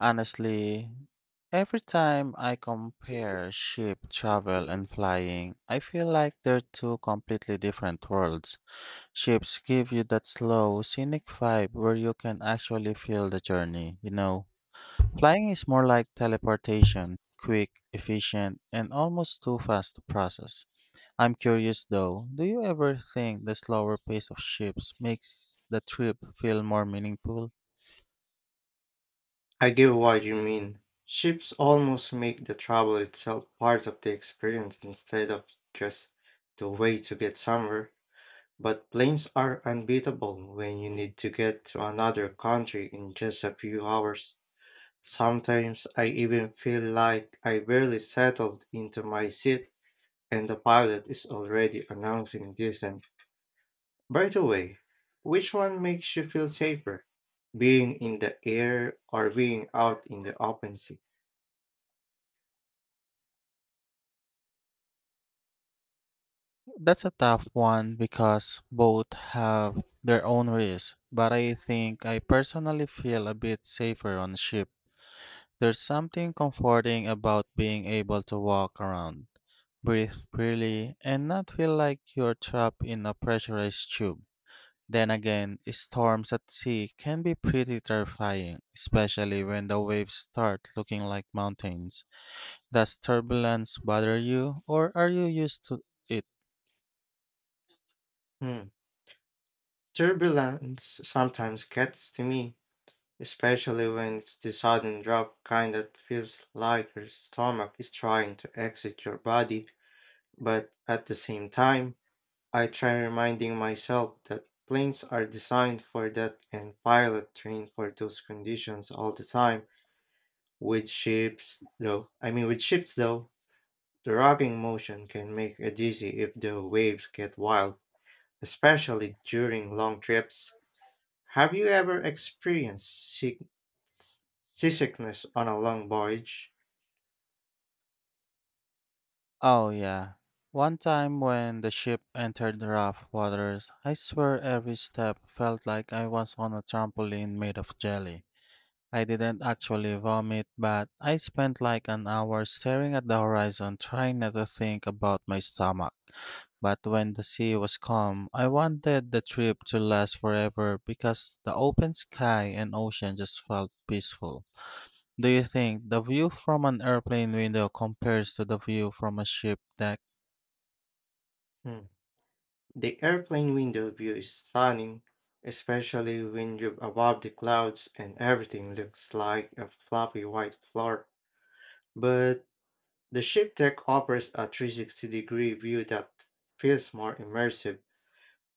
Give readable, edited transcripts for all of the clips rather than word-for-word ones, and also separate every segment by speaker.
Speaker 1: Honestly, every time I compare ship travel and flying, I feel like they're two completely different worlds. Ships give you that slow, scenic vibe where you can actually feel the journey, you know. Flying is more like teleportation, quick, efficient, and almost too fast to process. I'm curious though, do you ever think the slower pace of ships makes the trip feel more meaningful?
Speaker 2: I get what you mean. Ships almost make the travel itself part of the experience instead of just the way to get somewhere. But planes are unbeatable when you need to get to another country in just a few hours. Sometimes I even feel like I barely settled into my seat and the pilot is already announcing descent. By the way, which one makes you feel safer? Being in the air or being out in the open sea?
Speaker 1: That's a tough one because both have their own risks, but I think I personally feel a bit safer on a ship. There's something comforting about being able to walk around, breathe freely, and not feel like you're trapped in a pressurized tube. Then again, storms at sea can be pretty terrifying, especially when the waves start looking like mountains. Does turbulence bother you, or are you used to it?
Speaker 2: Hmm. Turbulence sometimes gets to me, especially when it's the sudden drop kind that feels like your stomach is trying to exit your body, but at the same time, I try reminding myself that planes are designed for that and pilot trained for those conditions all the time. With ships though, the rocking motion can make it dizzy if the waves get wild, especially during long trips. Have you ever experienced seasickness on a long voyage?
Speaker 1: Oh, yeah. One time when the ship entered rough waters, I swear every step felt like I was on a trampoline made of jelly. I didn't actually vomit, but I spent like an hour staring at the horizon trying not to think about my stomach. But when the sea was calm, I wanted the trip to last forever because the open sky and ocean just felt peaceful. Do you think the view from an airplane window compares to the view from a ship deck?
Speaker 2: Hmm. The airplane window view is stunning, especially when you're above the clouds and everything looks like a floppy white floor. But the ship deck offers a 360-degree view that feels more immersive,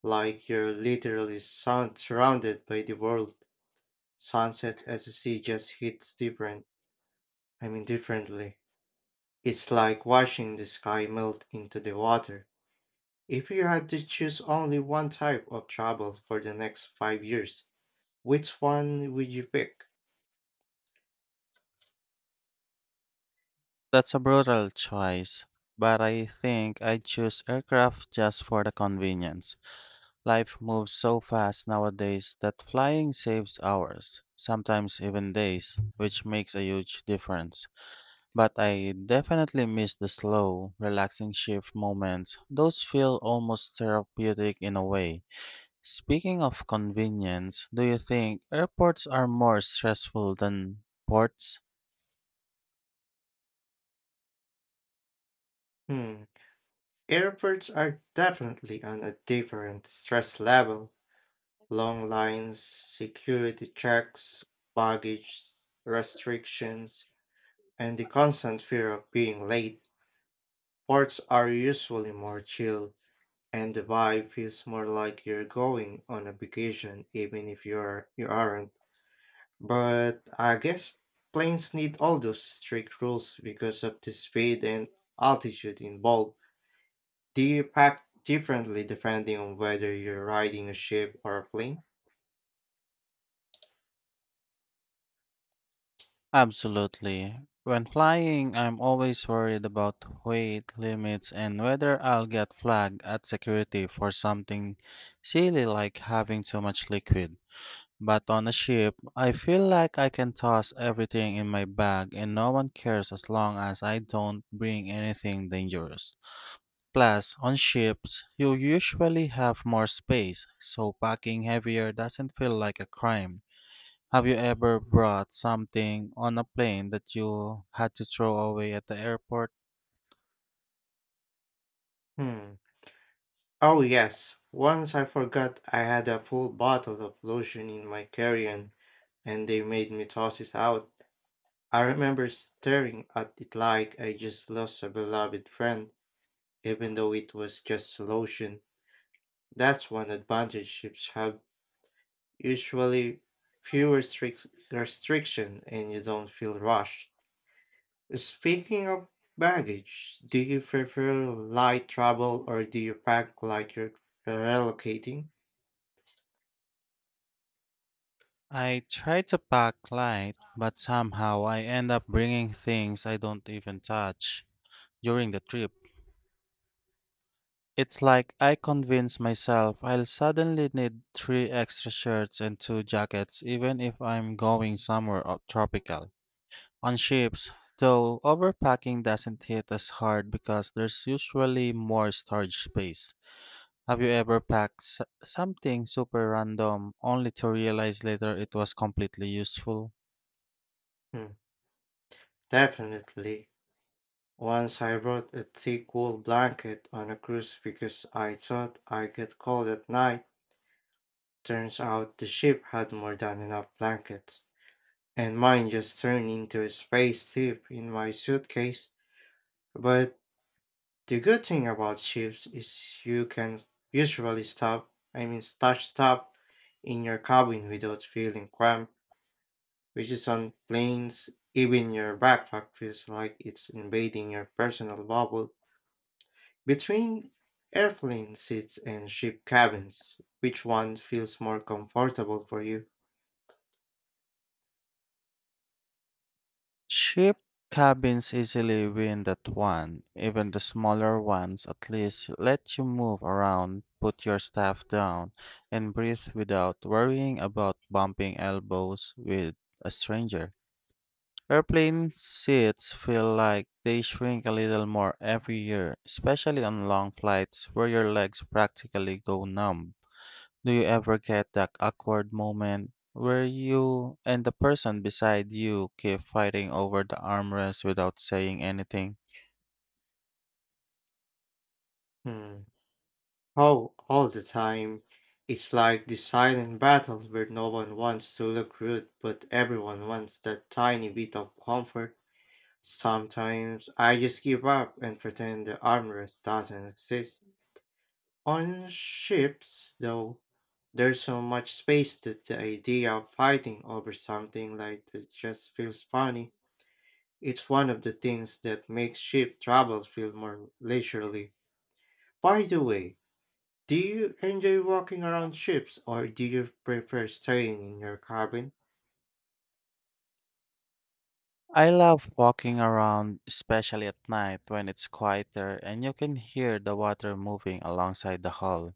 Speaker 2: like you're literally surrounded by the world. Sunset as the sea just hits different, I mean, differently. It's like watching the sky melt into the water. If you had to choose only one type of travel for the next 5 years, which one would you pick?
Speaker 1: That's a brutal choice, but I think I'd choose aircraft just for the convenience. Life moves so fast nowadays that flying saves hours, sometimes even days, which makes a huge difference. But I definitely miss the slow, relaxing shift moments. Those feel almost therapeutic in a way. Speaking of convenience, do you think airports are more stressful than ports?
Speaker 2: Hmm. Airports are definitely on a different stress level. Long lines, security checks, baggage restrictions, and the constant fear of being late. Ports are usually more chill, and the vibe feels more like you're going on a vacation even if you aren't, but I guess planes need all those strict rules because of the speed and altitude involved. Do you pack differently depending on whether you're riding a ship or a plane?
Speaker 1: Absolutely. When flying, I'm always worried about weight limits and whether I'll get flagged at security for something silly like having too much liquid. But on a ship, I feel like I can toss everything in my bag and no one cares as long as I don't bring anything dangerous. Plus, on ships, you usually have more space, so packing heavier doesn't feel like a crime. Have you ever brought something on a plane that you had to throw away at the airport?
Speaker 2: hmm oh yes, once I forgot I had a full bottle of lotion in my carry-on, and they made me toss it out. I remember staring at it like I just lost a beloved friend, even though it was just a lotion. That's one advantage ships have, usually fewer strict restriction, and you don't feel rushed. Speaking of baggage, do you prefer light travel or do you pack like you're relocating?
Speaker 1: I try to pack light, but somehow I end up bringing things I don't even touch during the trip. It's like I convince myself I'll suddenly need three extra shirts and two jackets, even if I'm going somewhere tropical. On ships, though, overpacking doesn't hit as hard because there's usually more storage space. Have you ever packed something super random only to realize later it was completely useful?
Speaker 2: Hmm, definitely. Once I brought a thick wool blanket on a cruise because I thought I'd get cold at night. Turns out the ship had more than enough blankets, and mine just turned into a space tip in my suitcase. But the good thing about ships is you can usually stop, I mean, touch stop in your cabin without feeling cramped, which is on planes, even your backpack feels like it's invading your personal bubble. Between airplane seats and ship cabins, which one feels more comfortable for you?
Speaker 1: Ship cabins easily win that one. Even the smaller ones at least let you move around, put your stuff down, and breathe without worrying about bumping elbows with a stranger. Airplane seats feel like they shrink a little more every year, especially on long flights where your legs practically go numb. Do you ever get that awkward moment where you and the person beside you keep fighting over the armrest without saying anything?
Speaker 2: Hmm. Oh, all the time. It's like the silent battle where no one wants to look rude, but everyone wants that tiny bit of comfort. Sometimes I just give up and pretend the armrest doesn't exist. On ships, though, there's so much space that the idea of fighting over something like that just feels funny. It's one of the things that makes ship travel feel more leisurely. By the way, do you enjoy walking around ships or do you prefer staying in your cabin?
Speaker 1: I love walking around, especially at night when it's quieter and you can hear the water moving alongside the hull.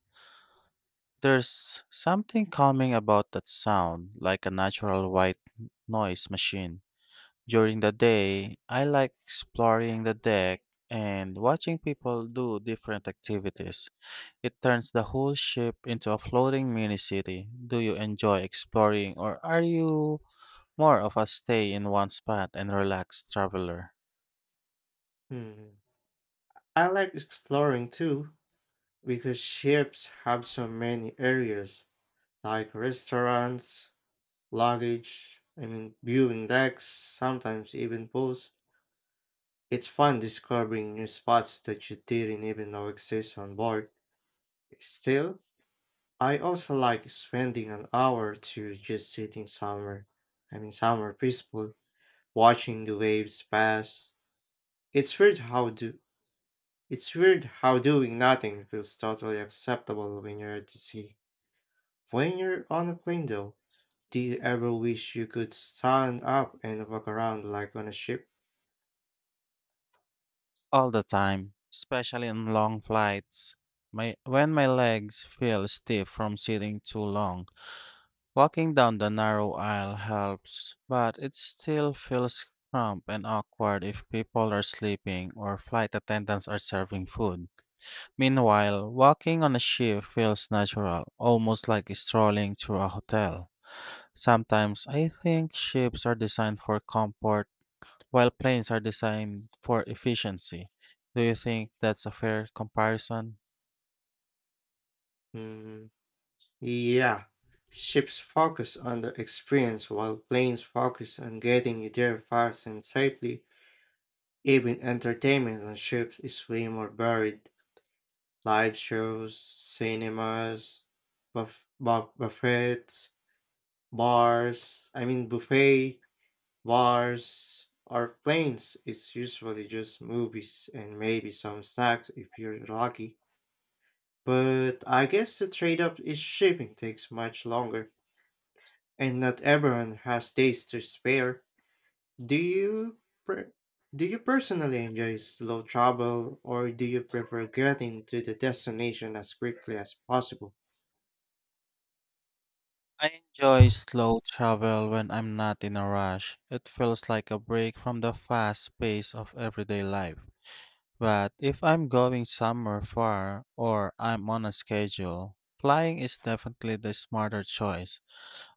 Speaker 1: There's something calming about that sound, like a natural white noise machine. During the day, I like exploring the deck and watching people do different activities. It turns the whole ship into a floating mini city. Do you enjoy exploring or are you more of a stay in one spot and relaxed traveler?
Speaker 2: Hmm. I like exploring too because ships have so many areas like restaurants, luggage, I mean viewing decks, sometimes even pools. It's fun discovering new spots that you didn't even know exist on board. Still, I also like spending an hour to just sitting somewhere. Somewhere peaceful, watching the waves pass. It's weird how do it's weird how doing nothing feels totally acceptable when you're at the sea. When you're on a plane though, do you ever wish you could stand up and walk around like on a ship?
Speaker 1: All the time, especially on long flights. When my legs feel stiff from sitting too long, walking down the narrow aisle helps, but it still feels cramped and awkward if people are sleeping or flight attendants are serving food. Meanwhile, walking on a ship feels natural, almost like strolling through a hotel. Sometimes I think ships are designed for comfort, while planes are designed for efficiency. Do you think that's a fair comparison?
Speaker 2: Hmm. Yeah. Ships focus on the experience while planes focus on getting you there fast and safely. Even entertainment on ships is way more varied. Live shows, cinemas, buff, buff, buffets, buffet, bars, or planes, it's usually just movies and maybe some snacks if you're lucky. But I guess the trade up is shipping takes much longer, and not everyone has days to spare. Do you pre- do you personally enjoy slow travel, or do you prefer getting to the destination as quickly as possible?
Speaker 1: I enjoy slow travel when I'm not in a rush. It feels like a break from the fast pace of everyday life. But if I'm going somewhere far or I'm on a schedule, flying is definitely the smarter choice.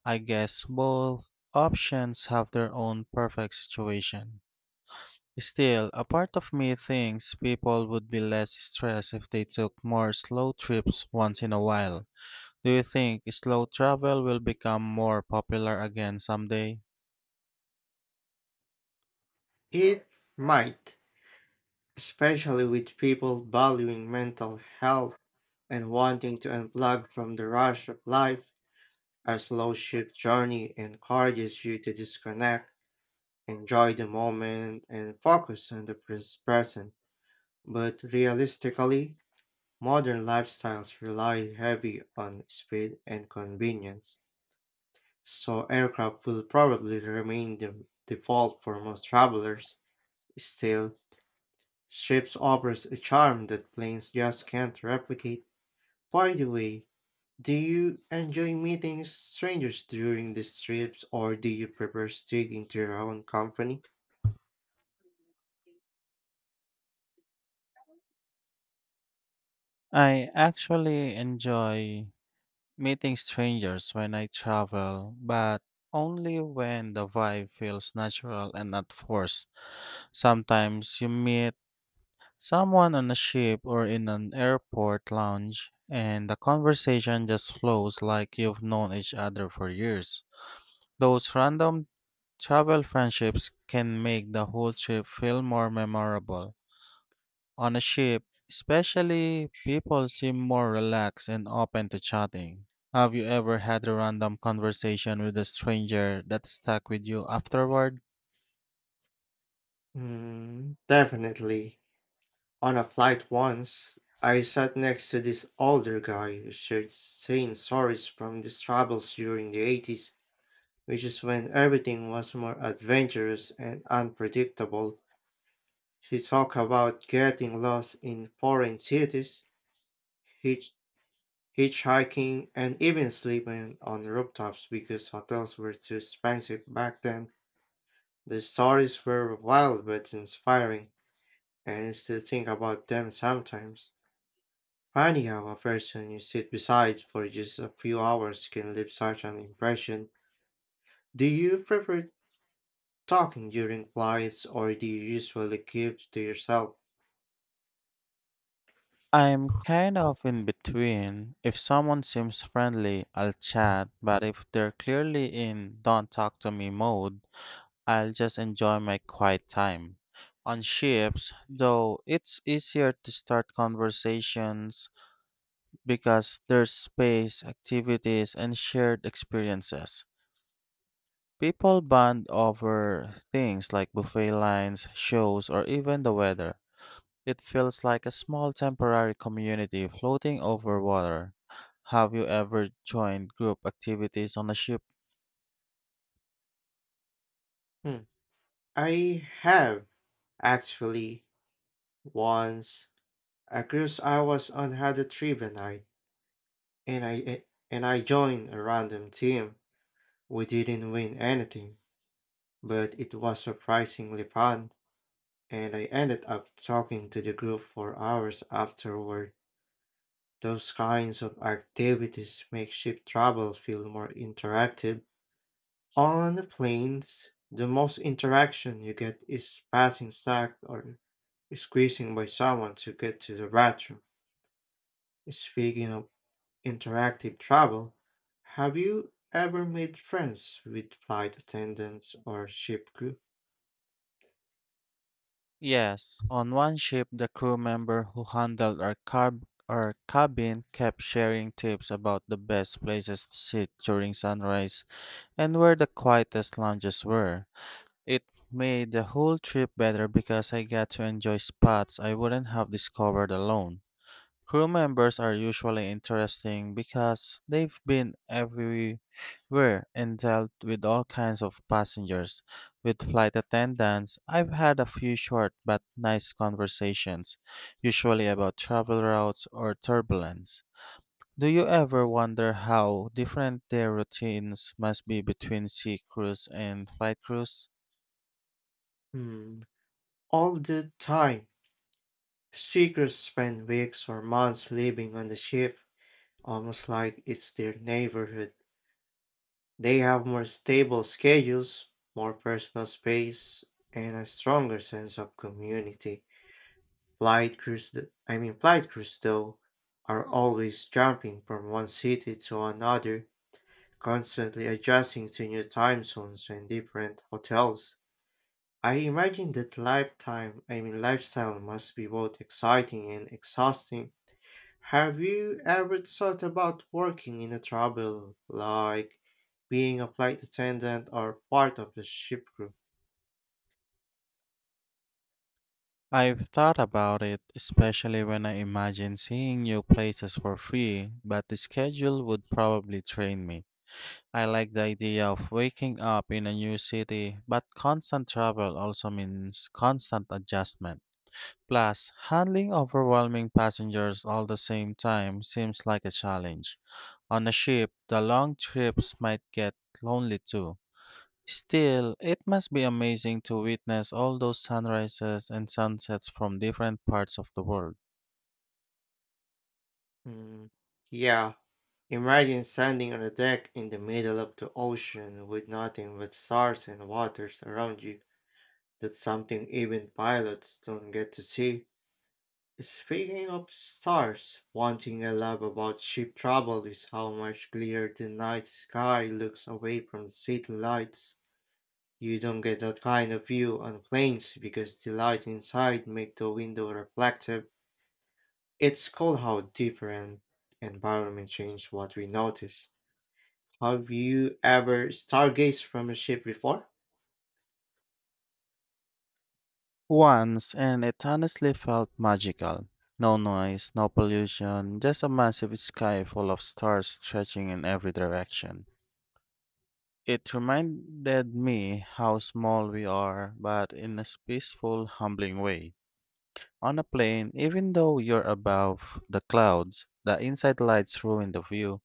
Speaker 1: I guess both options have their own perfect situation. Still, a part of me thinks people would be less stressed if they took more slow trips once in a while. Do you think slow travel will become more popular again someday?
Speaker 2: It might, especially with people valuing mental health and wanting to unplug from the rush of life. A slow shift journey encourages you to disconnect, enjoy the moment, and focus on the present. But realistically, modern lifestyles rely heavy on speed and convenience, so aircraft will probably remain the default for most travelers. Still, ships offers a charm that planes just can't replicate. By the way, do you enjoy meeting strangers during these trips or do you prefer sticking to your own company?
Speaker 1: I actually enjoy meeting strangers when I travel, but only when the vibe feels natural and not forced. Sometimes you meet someone on a ship or in an airport lounge, and the conversation just flows like you've known each other for years. Those random travel friendships can make the whole trip feel more memorable. On a ship, especially, people seem more relaxed and open to chatting. Have you ever had a random conversation with a stranger that stuck with you afterward?
Speaker 2: Mm, definitely. On a flight once, I sat next to this older guy who shared sane stories from his travels during the 80s, which is when everything was more adventurous and unpredictable. He talked about getting lost in foreign cities, hitch, hitchhiking, and even sleeping on rooftops because hotels were too expensive back then. The stories were wild but inspiring, and I still think about them sometimes. Funny how a person you sit beside for just a few hours can leave such an impression. Do you prefer talking during flights or do you usually keep to yourself?
Speaker 1: I'm kind of in between. If someone seems friendly, I'll chat, but if they're clearly in don't talk to me mode, I'll just enjoy my quiet time. On ships, though, it's easier to start conversations because there's space, activities, and shared experiences. People bond over things like buffet lines, shows, or even the weather. It feels like a small temporary community floating over water. Have you ever joined group activities on a ship?
Speaker 2: Hmm. I have actually, once a cruise I was on had a trivia night, and I eh, and I joined a random team. We didn't win anything, but it was surprisingly fun, and I ended up talking to the group for hours afterward. Those kinds of activities make ship travel feel more interactive. On the planes, the most interaction you get is passing snack or squeezing by someone to get to the bathroom. Speaking of interactive travel, have you ever made friends with flight attendants or ship crew?
Speaker 1: Yes. On one ship, the crew member who handled our cabin kept sharing tips about the best places to sit during sunrise and where the quietest lounges were. It made the whole trip better because I got to enjoy spots I wouldn't have discovered alone. Crew members are usually interesting because they've been everywhere and dealt with all kinds of passengers. With flight attendants, I've had a few short but nice conversations, usually about travel routes or turbulence. Do you ever wonder how different their routines must be between sea crews and flight crews?
Speaker 2: Hmm. All the time. Seekers spend weeks or months living on the ship, almost like it's their neighborhood. They have more stable schedules, more personal space, and a stronger sense of community. Flight crews, th- I mean, flight crews, though, are always jumping from one city to another, constantly adjusting to new time zones and different hotels. I imagine that lifetime, I mean lifestyle must be both exciting and exhausting. Have you ever thought about working in a travel, like being a flight attendant or part of the ship crew?
Speaker 1: I've thought about it, especially when I imagine seeing new places for free, but the schedule would probably train me. I like the idea of waking up in a new city, but constant travel also means constant adjustment. Plus, handling overwhelming passengers all the same time seems like a challenge. On a ship, the long trips might get lonely too. Still, it must be amazing to witness all those sunrises and sunsets from different parts of the world.
Speaker 2: Hmm. Yeah, imagine standing on a deck in the middle of the ocean with nothing but stars and waters around you. That's something even pilots don't get to see. Speaking of stars, one thing I love about ship travel is how much clearer the night sky looks away from city lights. You don't get that kind of view on planes because the light inside make the window reflective. It's cool how different environment change what we notice. Have you ever stargazed from a ship before?
Speaker 1: Once, and it honestly felt magical. No noise, no pollution, just a massive sky full of stars stretching in every direction. It reminded me how small we are, but in a peaceful, humbling way. On a plane, even though you're above the clouds, the inside lights ruin the view.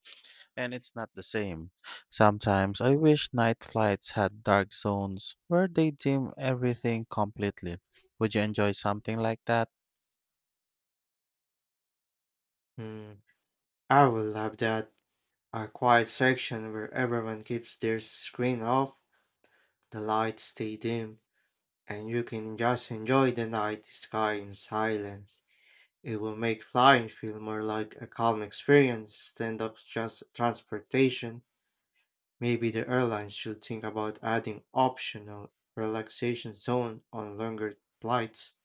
Speaker 1: And it's not the same. Sometimes I wish night flights had dark zones where they dim everything completely. Would you enjoy something like that?
Speaker 2: Hmm, I would love that. A quiet section where everyone keeps their screen off, the lights stay dim, and you can just enjoy the night sky in silence. It will make flying feel more like a calm experience than of just transportation. Maybe the airlines should think about adding optional relaxation zone on longer flights,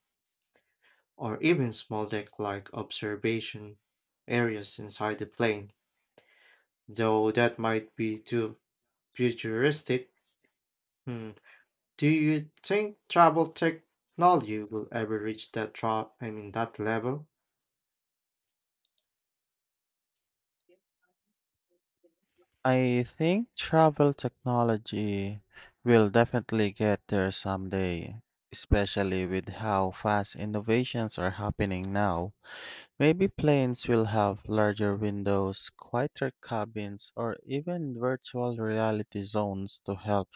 Speaker 2: or even small deck-like observation areas inside the plane. Though that might be too futuristic. Hmm. Do you think travel technology will ever reach that tra- I mean that level?
Speaker 1: I think travel technology will definitely get there someday, especially with how fast innovations are happening now. Maybe planes will have larger windows, quieter cabins, or even virtual reality zones to help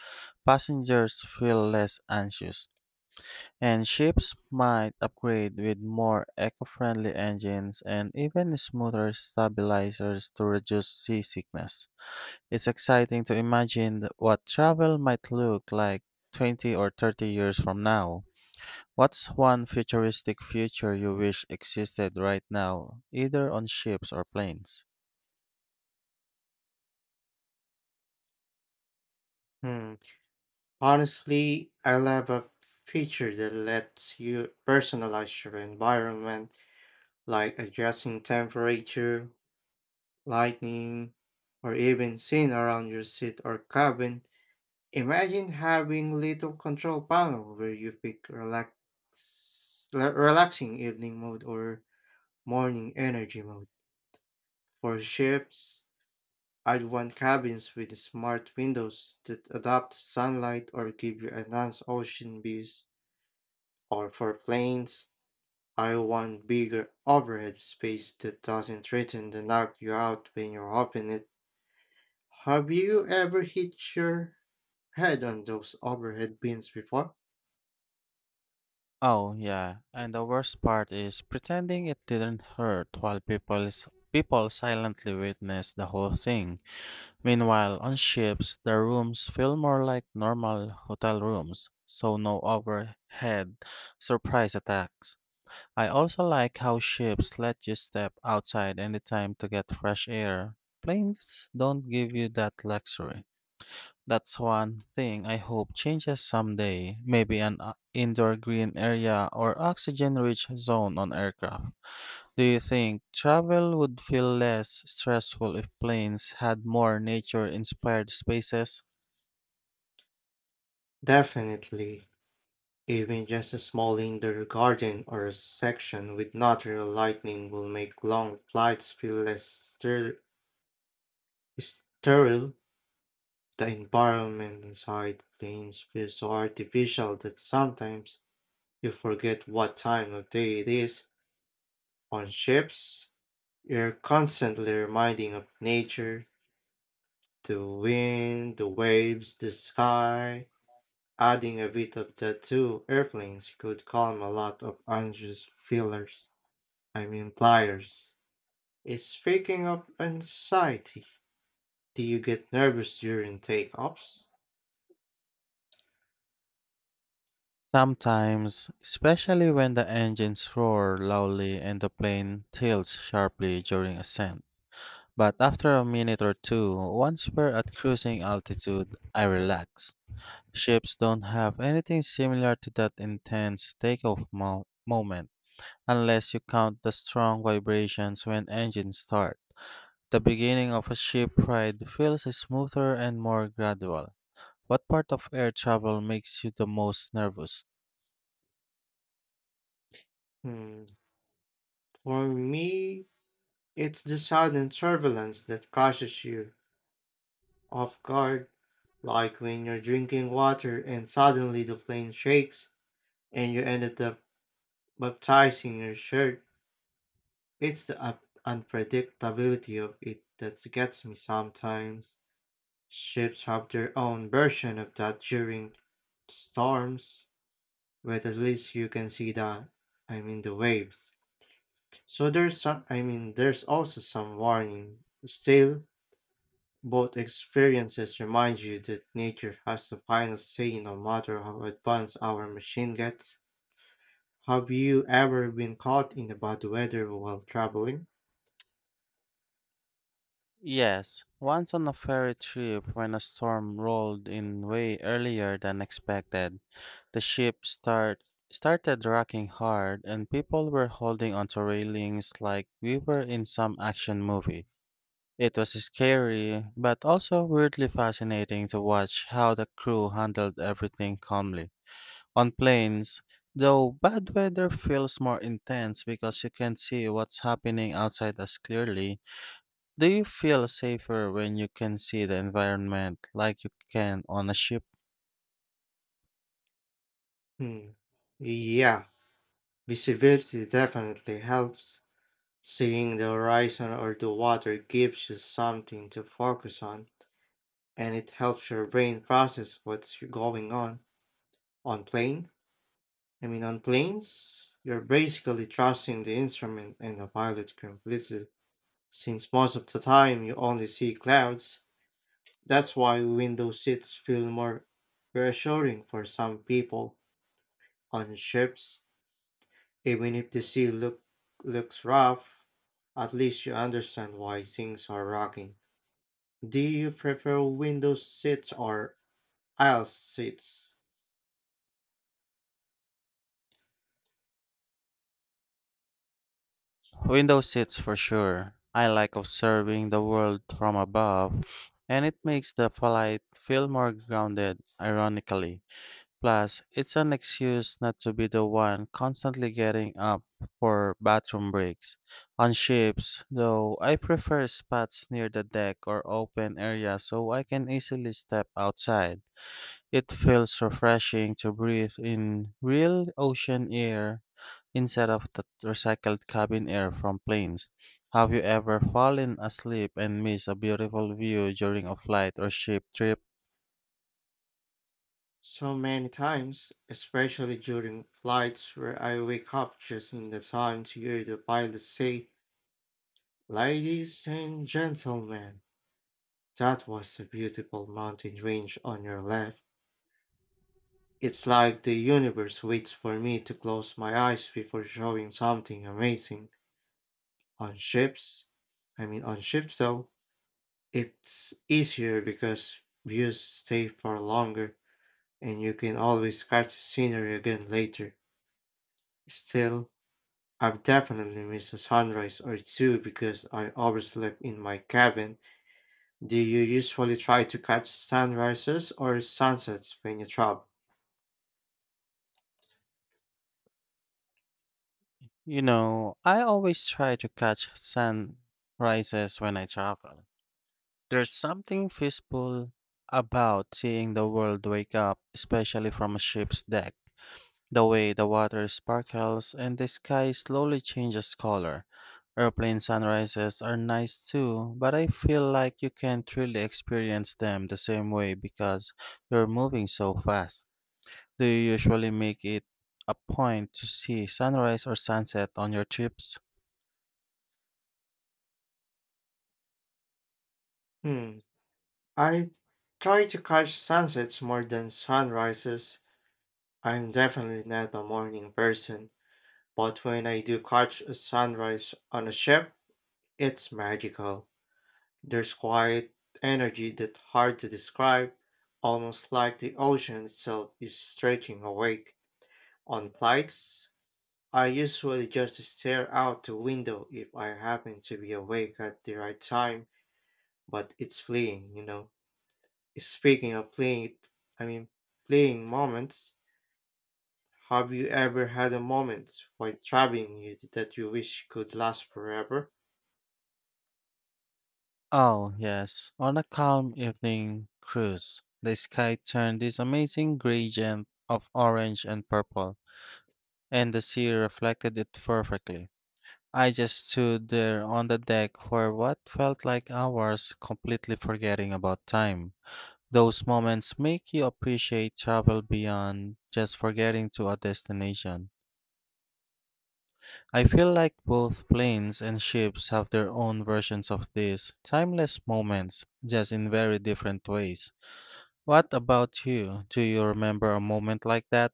Speaker 1: passengers feel less anxious. And ships might upgrade with more eco-friendly engines and even smoother stabilizers to reduce seasickness. It's exciting to imagine what travel might look like 20 or 30 years from now. What's one futuristic future you wish existed right now, either on ships or planes?
Speaker 2: Hmm. Honestly, I love a feature that lets you personalize your environment, like adjusting temperature, lighting, or even scene around your seat or cabin. Imagine having little control panel where you pick relaxing evening mode or morning energy mode. For ships, I'd want cabins with smart windows that adapt sunlight or give you enhanced ocean views. Or for planes, I want bigger overhead space that doesn't threaten to knock you out when you open it. Have you ever hit your head on those overhead bins before?
Speaker 1: Oh yeah, and the worst part is pretending it didn't hurt while people silently witness the whole thing. Meanwhile, on ships, the rooms feel more like normal hotel rooms, so no overhead surprise attacks. I also like how ships let you step outside anytime to get fresh air. Planes don't give you that luxury. That's one thing I hope changes someday. Maybe an indoor green area or oxygen rich zone on aircraft. Do you think travel would feel less stressful if planes had more nature inspired spaces?
Speaker 2: Definitely. Even just a small indoor garden or a section with natural lighting will make long flights feel less sterile. The environment inside planes feels so artificial that sometimes you forget what time of day it is. On ships, you're constantly reminding of nature, the wind, the waves, the sky. Adding a bit of that to airplanes could calm a lot of anxious feelers. I mean flyers. It's speaking of anxiety. Do you get nervous during takeoffs?
Speaker 1: Sometimes, especially when the engines roar loudly and the plane tilts sharply during ascent. But after a minute or two, once we're at cruising altitude, I relax. Ships don't have anything similar to that intense takeoff moment, unless you count the strong vibrations when engines start. The beginning of a ship ride feels smoother and more gradual. What part of air travel makes you the most nervous?
Speaker 2: Hmm. For me, it's the sudden turbulence that catches you off guard, like when you're drinking water and suddenly the plane shakes and you ended up baptizing your shirt. It's the unpredictability of it that gets me sometimes. Ships have their own version of that during storms, but at least you can see the, I mean, the waves. So there's also some warning. Still, both experiences remind you that nature has the final say no matter how advanced our machine gets. Have you ever been caught in the bad weather while traveling?
Speaker 1: Yes, once on a ferry trip when a storm rolled in way earlier than expected. The ship start started rocking hard and people were holding onto railings like we were in some action movie. It was scary, but also weirdly fascinating to watch how the crew handled everything calmly. On planes, though, bad weather feels more intense because you can see what's happening outside as clearly. Do you feel safer when you can see the environment like you can on a ship?
Speaker 2: Hmm, yeah. Visibility definitely helps. Seeing the horizon or the water gives you something to focus on, and it helps your brain process what's going on. On plane, I mean on planes, you're basically trusting the instrument and the pilot completely. Since most of the time you only see clouds, that's why window seats feel more reassuring for some people on ships. Even if looks rough, at least you understand why things are rocking. Do you prefer window seats or aisle seats?
Speaker 1: Window seats for sure. I like observing the world from above, and it makes the flight feel more grounded, ironically. Plus, it's an excuse not to be the one constantly getting up for bathroom breaks. On ships, though, I prefer spots near the deck or open area so I can easily step outside. It feels refreshing to breathe in real ocean air instead of the recycled cabin air from planes. Have you ever fallen asleep and missed a beautiful view during a flight or ship trip?
Speaker 2: So many times, especially during flights where I wake up just in the time to hear the pilot say, "Ladies and gentlemen. That was a beautiful mountain range on your left." It's like the universe waits for me to close my eyes before showing something amazing. On ships, on ships though, it's easier because views stay for longer and you can always catch the scenery again later. Still, I've definitely missed a sunrise or two because I overslept in my cabin. Do you usually try to catch sunrises or sunsets when you travel?
Speaker 1: You know, I always try to catch sunrises when I travel. There's something peaceful about seeing the world wake up, especially from a ship's deck. The way the water sparkles and the sky slowly changes color. Airplane sunrises are nice too, but I feel like you can't really experience them the same way because you're moving so fast. Do you usually make it a point to see sunrise or sunset on your trips?
Speaker 2: Hmm. I try to catch sunsets more than sunrises. I'm definitely not a morning person, but when I do catch a sunrise on a ship, it's magical. There's quiet energy that's hard to describe, almost like the ocean itself is stretching awake. On flights, I usually just stare out the window if I happen to be awake at the right time, but it's fleeting, Speaking of playing, I mean, playing moments, have you ever had a moment while traveling you that you wish could last forever?
Speaker 1: Oh, yes. On a calm evening cruise, the sky turned this amazing gradient of orange and purple, and the sea reflected it perfectly. I just stood there on the deck for what felt like hours, completely forgetting about time. Those moments make you appreciate travel beyond just forgetting to a destination. I feel like both planes and ships have their own versions of these timeless moments, just in very different ways. What about you? Do you remember a moment like that?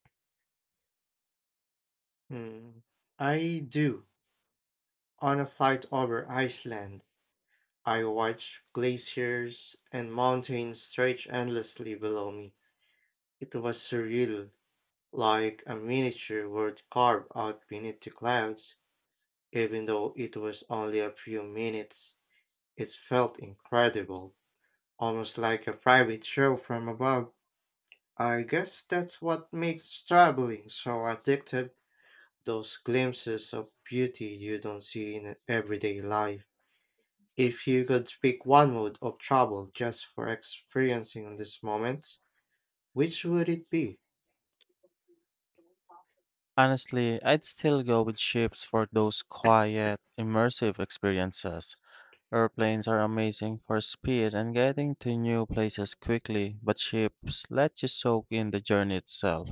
Speaker 2: Hmm, I do. On a flight over Iceland, I watched glaciers and mountains stretch endlessly below me. It was surreal, like a miniature world carved out beneath the clouds. Even though it was only a few minutes, it felt incredible, almost like a private show from above. I guess that's what makes traveling so addictive, those glimpses of beauty you don't see in everyday life. If you could pick one mode of travel just for experiencing this moment, which would it be?
Speaker 1: Honestly, I'd still go with ships for those quiet, immersive experiences. Airplanes are amazing for speed and getting to new places quickly, but ships let you soak in the journey itself.